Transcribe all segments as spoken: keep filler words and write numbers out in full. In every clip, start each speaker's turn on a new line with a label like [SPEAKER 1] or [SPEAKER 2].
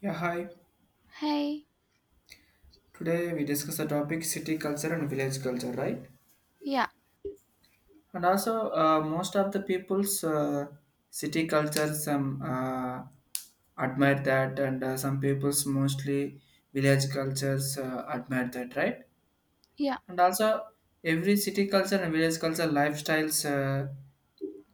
[SPEAKER 1] Yeah, hi.
[SPEAKER 2] Hey,
[SPEAKER 1] Today we discuss the topic city culture and village culture, right?
[SPEAKER 2] yeah,
[SPEAKER 1] And also, uh, most of the people's uh, city culture some uh, admire that, and uh, some people's mostly village cultures uh, admire that, right?
[SPEAKER 2] yeah,
[SPEAKER 1] And also, every city culture and village culture lifestyles. Uh,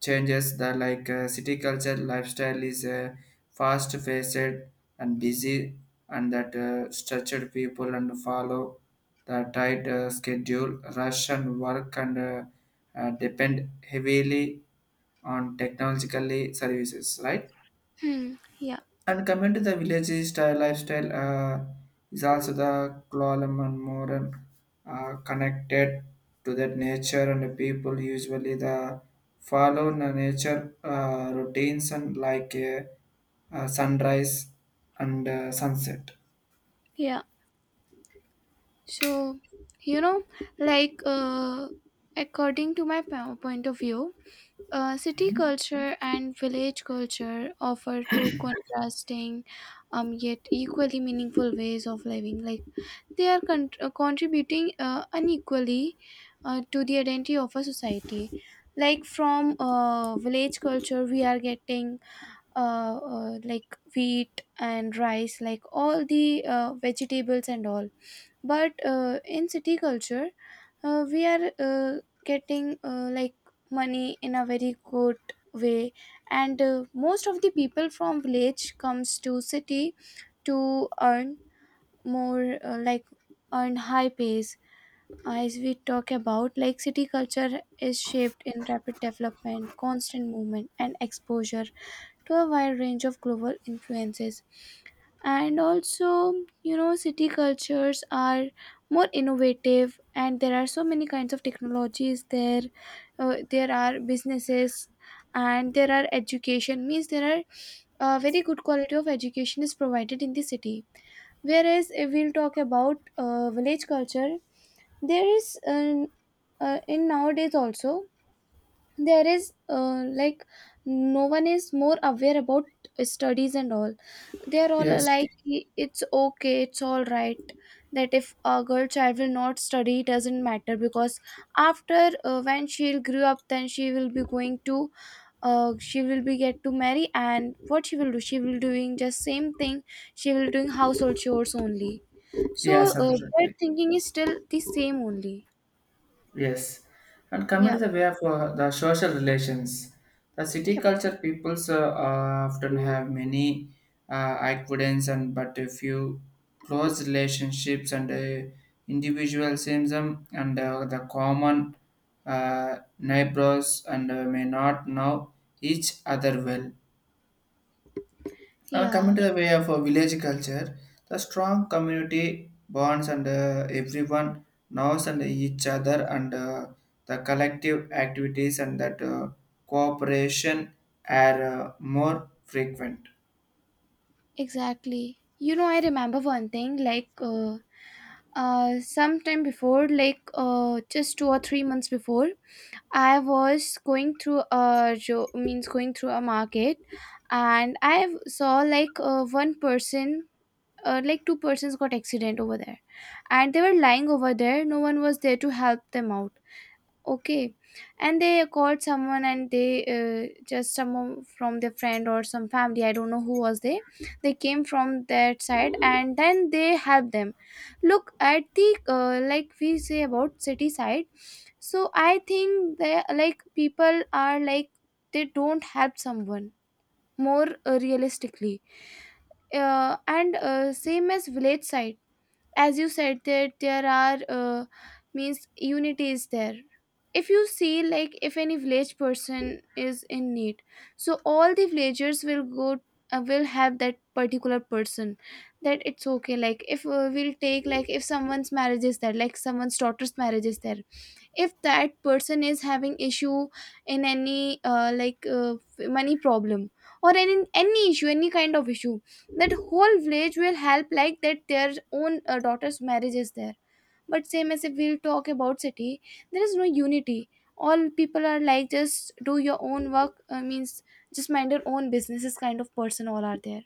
[SPEAKER 1] Changes the like uh, city culture lifestyle is uh, fast faced and busy and that uh, structured people and follow the tight uh, schedule rush and work and uh, uh, depend heavily on technologically services, right?
[SPEAKER 2] hmm, yeah,
[SPEAKER 1] And coming to the village style lifestyle, uh, is also the Kuala more and uh, connected to that nature and the people usually the follow the nature uh, routines and like uh, uh, sunrise and uh, sunset.
[SPEAKER 2] yeah. So, you know, like, uh, according to my po- point of view, uh, city culture and village culture offer two contrasting, um, yet equally meaningful ways of living. Like, they are con- uh, contributing uh, unequally uh, to the identity of a society. Like, from uh, village culture, we are getting uh, uh, like wheat and rice, like all the uh, vegetables and all, but uh, in city culture uh, we are uh, getting uh, like money in a very good way. And uh, most of the people from village comes to city to earn more, uh, like, earn high pays. As we talk about, like, city culture is shaped in rapid development, constant movement, and exposure to a wide range of global influences. And also, you know, city cultures are more innovative, and there are so many kinds of technologies there. Uh, there are businesses, and there are education. Means there are a very good quality of education is provided in the city. Whereas if we'll talk about uh, village culture, there is an uh, in nowadays also there is uh, like no one is more aware about studies and all. They're all
[SPEAKER 1] Yes,
[SPEAKER 2] like it's okay, it's all right, that if a girl child will not study, it doesn't matter, because after uh, when she'll grow up, then she will be going to uh, she will be get to marry, and what she will do, she will doing just same thing. She will doing household chores only. So
[SPEAKER 1] yes,
[SPEAKER 2] uh, their
[SPEAKER 1] absolutely.
[SPEAKER 2] thinking is still the same only.
[SPEAKER 1] Yes, and coming
[SPEAKER 2] Yeah.
[SPEAKER 1] to the way of uh, the social relations, the city
[SPEAKER 2] Yep.
[SPEAKER 1] culture peoples uh, uh, often have many uh, acquaintances and but a few close relationships and uh, individualism and uh, the common uh, neighbors and uh, may not know each other well. And coming
[SPEAKER 2] Yeah.
[SPEAKER 1] to the way of a village culture, the strong community bonds and uh, everyone knows and each other and uh, the collective activities and that uh, cooperation are uh, more frequent.
[SPEAKER 2] Exactly. You know, I remember one thing like, uh, uh, sometime before, like, uh, just two or three months before, I was going through a jo- means going through a market, and I saw, like, uh, one person, uh, like two persons got accident over there, and they were lying over there. No one was there to help them out. Okay, and they called someone, and they uh, just someone from their friend or some family. I don't know who was they. They came from that side, and then they helped them. Look at the, uh, like, we say about city side. So I think they, like, people are like they don't help someone more uh, realistically. Uh, and uh, same as village side, as you said that there are uh, means unity is there. If you see, like, if any village person is in need, so all the villagers will go, uh, will help that particular person. That it's okay, like, if uh, we'll take, like, if someone's marriage is there, like someone's daughter's marriage is there, if that person is having issue in any, uh, like, uh, money problem, or any any issue, any kind of issue, that whole village will help, like that their own uh, daughter's marriage is there. But same as if we'll talk about city, there is no unity. All people are like just do your own work, uh, means just mind your own businesses kind of person all are there.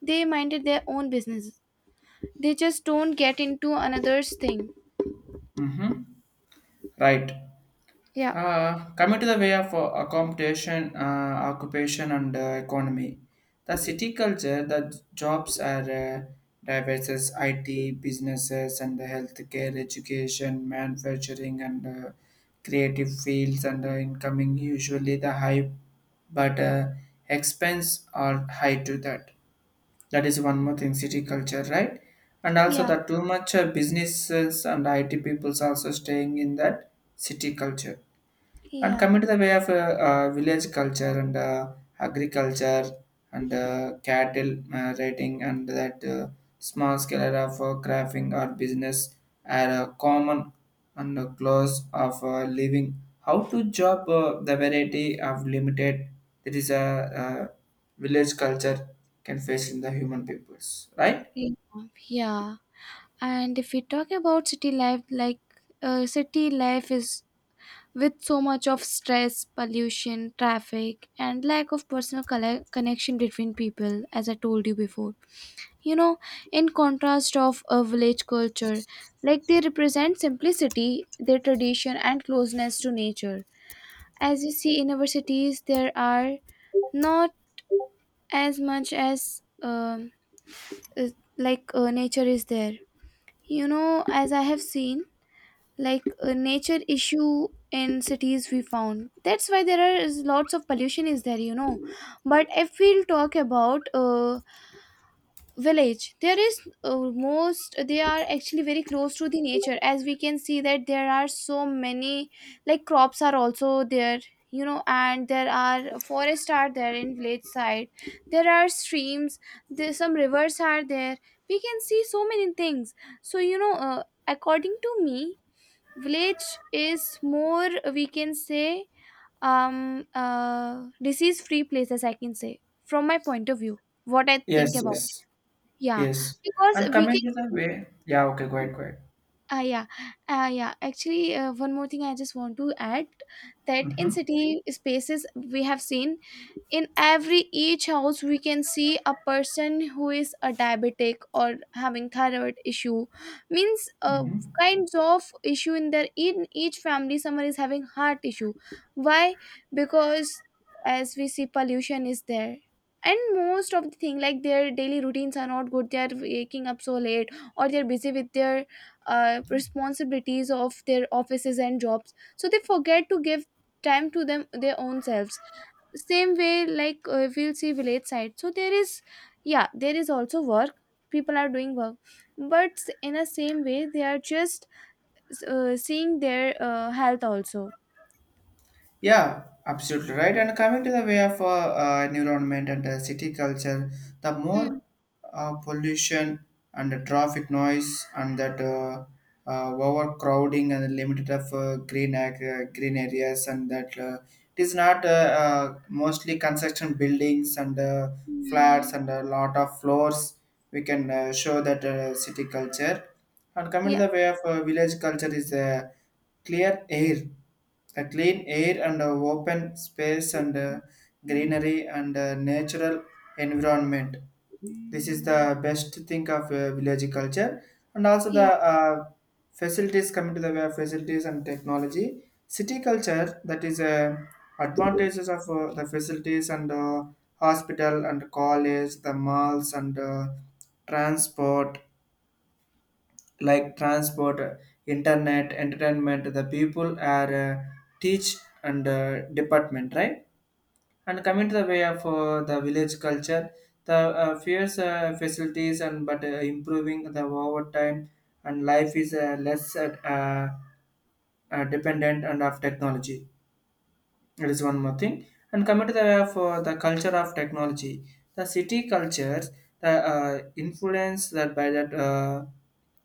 [SPEAKER 2] They minded their own businesses. They just don't get into another's thing.
[SPEAKER 1] Mm-hmm. Right.
[SPEAKER 2] Yeah.
[SPEAKER 1] Uh, coming to the way of uh, accommodation, uh, occupation, and uh, economy, the city culture, the jobs are uh, diverse I T, businesses, and the healthcare, education, manufacturing, and uh, creative fields, and uh, incoming usually the high, but uh, expense are high to that. That is one more thing, city culture, right? And also
[SPEAKER 2] Yeah.
[SPEAKER 1] the too much uh, businesses and I T peoples also staying in that city culture. And
[SPEAKER 2] Yeah.
[SPEAKER 1] coming to the way of uh, uh, village culture and uh, agriculture and uh, cattle uh, raiding and that uh, small scale of uh, crafting or business are uh, common and uh, close of uh, living. How to job uh, the variety of limited, that is a uh, village culture can face in the human peoples, right?
[SPEAKER 2] Yeah. Yeah. And if we talk about city life, like, uh, city life is with so much of stress, pollution, traffic, and lack of personal colle- connection between people, as I told you before. you know in contrast of a village culture, like, they represent simplicity, their tradition, and closeness to nature. As you see in our cities, there are not as much as, um, is- like, uh, nature is there. you know as I have seen, like, a nature issue in cities we found, that's why there are is lots of pollution is there. you know but if we'll talk about uh, village, there is uh, most they are actually very close to the nature, as we can see that there are so many, like, crops are also there. you know and there are forests are there in village side. There are streams, there some rivers are there. We can see so many things. So, you know uh, according to me, village is more, we can say, um uh disease free places, I can say, from my point of view, what I think
[SPEAKER 1] Yes,
[SPEAKER 2] about.
[SPEAKER 1] yes,
[SPEAKER 2] Yeah.
[SPEAKER 1] yes.
[SPEAKER 2] Because
[SPEAKER 1] And
[SPEAKER 2] we can —
[SPEAKER 1] coming to the way, yeah, okay, go ahead, go ahead.
[SPEAKER 2] Ah, yeah, uh, yeah. Actually, uh, one more thing I just want to add, that in
[SPEAKER 1] Mm-hmm,
[SPEAKER 2] city spaces, we have seen in every each house we can see a person who is a diabetic or having thyroid issue. Means, uh,
[SPEAKER 1] mm-hmm.
[SPEAKER 2] kinds of issue in their in each family someone is having heart issue. Why? Because as we see, pollution is there, and most of the thing, like, their daily routines are not good. They are waking up so late, or they're busy with their uh, responsibilities of their offices and jobs. So they forget to give time to them, their own selves. Same way, like, uh, we'll see village side, so there is, yeah, there is also work. People are doing work, but s- in a same way they are just uh, seeing their uh, health also.
[SPEAKER 1] Yeah, absolutely right. And coming to the way of uh, uh, environment and uh, city culture, the
[SPEAKER 2] Hmm.
[SPEAKER 1] more uh, pollution and the traffic noise and that uh, uh, overcrowding and the limited of uh, green ac- uh, green areas and that uh, it is not uh, uh, mostly construction buildings and uh,
[SPEAKER 2] Hmm.
[SPEAKER 1] flats and a lot of floors. We can uh, show that uh, city culture. And coming to
[SPEAKER 2] Yeah.
[SPEAKER 1] the way of uh, village culture is uh, clear air a clean air and a open space and uh, greenery and uh, natural environment. This is the best thing of uh, village culture and also the
[SPEAKER 2] Yeah.
[SPEAKER 1] uh, facilities. Coming to the way of facilities and technology. City culture that is uh, advantages of uh, the facilities and uh, hospital and college, the malls and uh, transport, like transport, uh, internet, entertainment, the people are uh, teach and uh, department, right? And coming to the way of uh, the village culture, the uh, fierce uh, facilities, and but uh, improving the overtime and life is uh, less uh, uh, uh, dependent and of technology. It is one more thing. And coming to the way of uh, the culture of technology, the city cultures, the uh, influence that by that. Uh,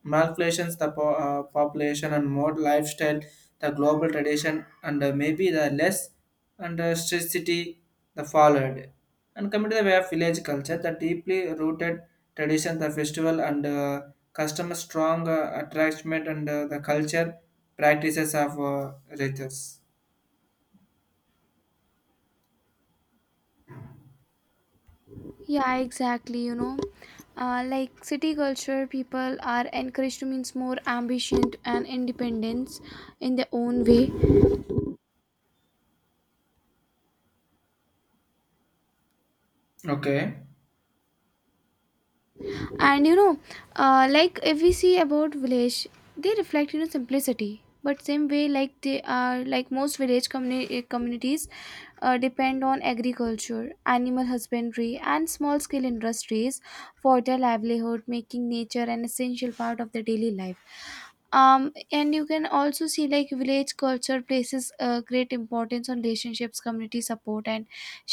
[SPEAKER 1] Malculations, the po- uh, population and more lifestyle, the global tradition, and uh, maybe the less and uh, strictity the followed. And coming to the way of village culture, the deeply rooted tradition, the festival, and uh, customer strong uh, attachment, and uh, the culture practices of uh, rituals.
[SPEAKER 2] Yeah, exactly. you know uh, like, city culture people are encouraged to means more ambition and independence in their own way.
[SPEAKER 1] Okay.
[SPEAKER 2] And you know uh, like, if we see about village, they reflect, you know simplicity. But same way, like, they are like most village communi- eh, communities uh, depend on agriculture, animal husbandry, and small scale industries for their livelihood, making nature an essential part of their daily life. um and you can also see, like, village culture places uh, great importance on relationships, community support, and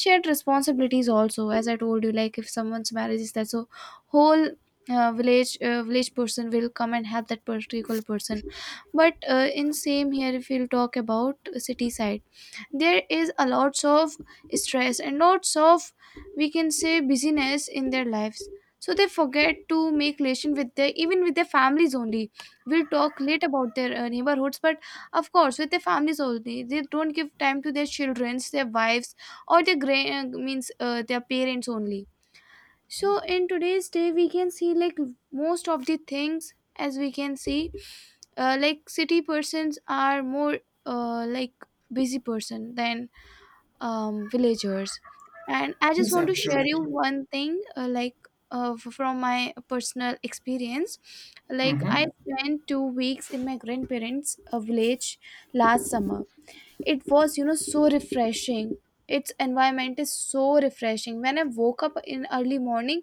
[SPEAKER 2] shared responsibilities. Also, as I told you, like, if someone's marriage is that, so whole uh, village uh, village person will come and help that particular person. But uh, in same here, if we'll talk about city side, there is a lots of stress and lots of, we can say, busyness in their lives. So they forget to make relation with their even with their families only. We'll talk late about their uh, neighborhoods, but of course with their families only, they don't give time to their childrens, their wives, or their gra- uh, means uh, their parents only. So in today's day, we can see, like, most of the things, as we can see, uh, like, city persons are more, uh, like, busy person than, um, villagers. And I just
[SPEAKER 1] Yes,
[SPEAKER 2] want to share you
[SPEAKER 1] absolutely.
[SPEAKER 2] one thing, uh, like, uh, f- from my personal experience. Like, I
[SPEAKER 1] Mm-hmm.
[SPEAKER 2] spent two weeks in my grandparents' uh, village last summer. It was, you know, so refreshing. Its environment is so refreshing. When I woke up in early morning,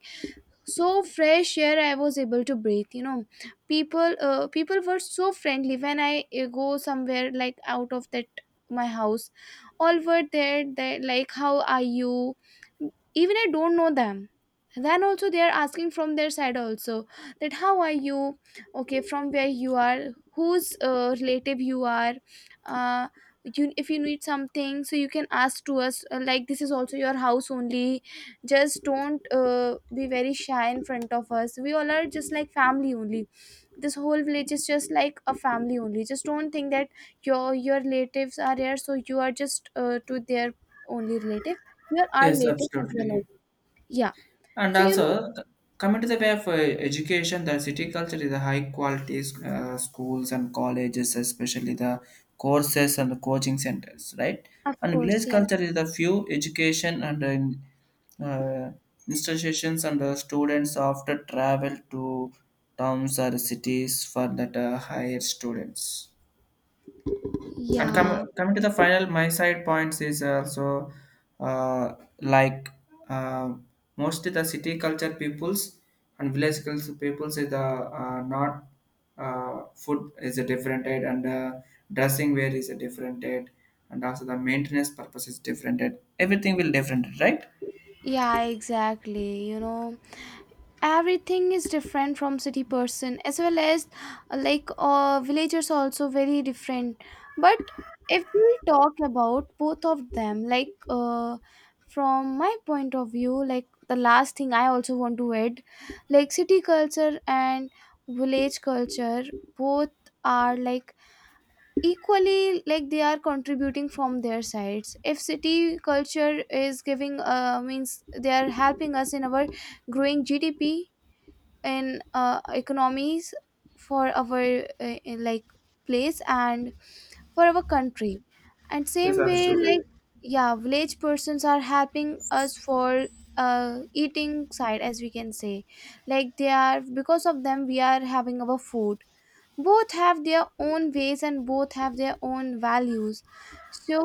[SPEAKER 2] so fresh air I was able to breathe. you know people uh, people were so friendly when I uh, go somewhere, like, out of that, my house. All were there, they like, how are you? Even I don't know them, then also they are asking from their side also, that how are you, okay, from where you are, whose uh, relative you are, uh, you, if you need something, so you can ask to us, uh, like, this is also your house only, just don't uh, be very shy in front of us. We all are just like family only. This whole village is just like a family only. Just don't think that your your relatives are here, so you are just uh, to their only relative. You are our
[SPEAKER 1] Yes,
[SPEAKER 2] relative as well
[SPEAKER 1] absolutely.
[SPEAKER 2] as. Yeah.
[SPEAKER 1] And
[SPEAKER 2] So, you know
[SPEAKER 1] also, c- coming to the way of uh, education, the city culture is a high quality uh, schools and colleges, especially the courses and the coaching centers, right?
[SPEAKER 2] of
[SPEAKER 1] And
[SPEAKER 2] course.
[SPEAKER 1] village
[SPEAKER 2] Yes.
[SPEAKER 1] culture is the few education and uh, in- uh, institutions and uh, students often travel to towns or cities for that uh, higher students. And come,
[SPEAKER 2] Yeah.
[SPEAKER 1] coming to the final, my side points is also uh, like uh, mostly the city culture peoples and village culture peoples is the uh, not uh, food is a different aid and uh, dressing wear is a different aid and also the maintenance purpose is different aid. Everything will different, right?
[SPEAKER 2] Yeah, exactly. you know everything is different from city person, as well as uh, like, uh, villagers also very different. But if we talk about both of them, like, uh, from my point of view, like, the last thing I also want to add, like, city culture and village culture, both are, like, equally, like, they are contributing from their sides. If city culture is giving, uh, means they are helping us in our growing G D P in, uh, economies, for our, uh, like, place and for our country. And
[SPEAKER 1] Yes,
[SPEAKER 2] same way. Mhm.
[SPEAKER 1] absolutely.
[SPEAKER 2] Like, yeah, village persons are helping us for uh, eating side, as we can say, like, they are, because of them, we are having our food. Both have their own ways, and both have their own values. So,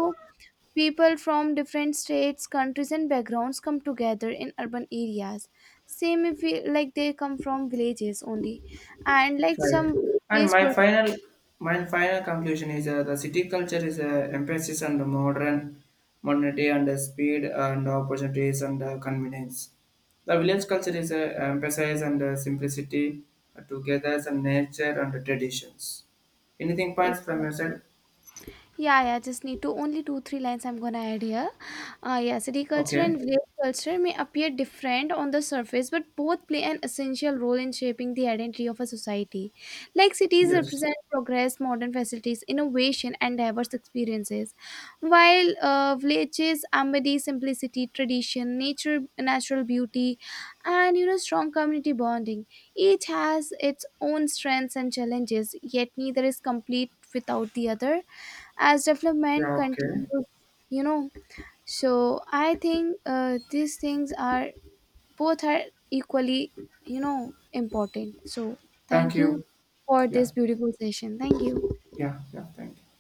[SPEAKER 2] people from different states, countries, and backgrounds come together in urban areas. Same if we, like, they come from villages only, and like
[SPEAKER 1] Right.
[SPEAKER 2] some
[SPEAKER 1] And
[SPEAKER 2] village
[SPEAKER 1] my
[SPEAKER 2] person.
[SPEAKER 1] final my final conclusion is uh, the city culture is an emphasis on the modern modernity and the speed and opportunities and uh, convenience. The village culture is uh, emphasis on the simplicity, uh, togetherness and nature and the traditions. Anything points from your side?
[SPEAKER 2] Yeah, yeah, just need to only two, three lines I'm gonna add here. Uh, yeah, city culture and
[SPEAKER 1] Okay.
[SPEAKER 2] village culture may appear different on the surface, but both play an essential role in shaping the identity of a society. Like, cities
[SPEAKER 1] Yes.
[SPEAKER 2] represent progress, modern facilities, innovation, and diverse experiences, while uh, villages embody simplicity, tradition, nature, natural beauty, and you know strong community bonding. Each has its own strengths and challenges, yet neither is complete without the other as development
[SPEAKER 1] Yeah. Okay.
[SPEAKER 2] continues. you know so I think uh, these things are, both are equally, you know important. So
[SPEAKER 1] Thank
[SPEAKER 2] thank you
[SPEAKER 1] you.
[SPEAKER 2] for
[SPEAKER 1] Yeah.
[SPEAKER 2] this beautiful session. Thank you.
[SPEAKER 1] Yeah. Yeah. Thank you.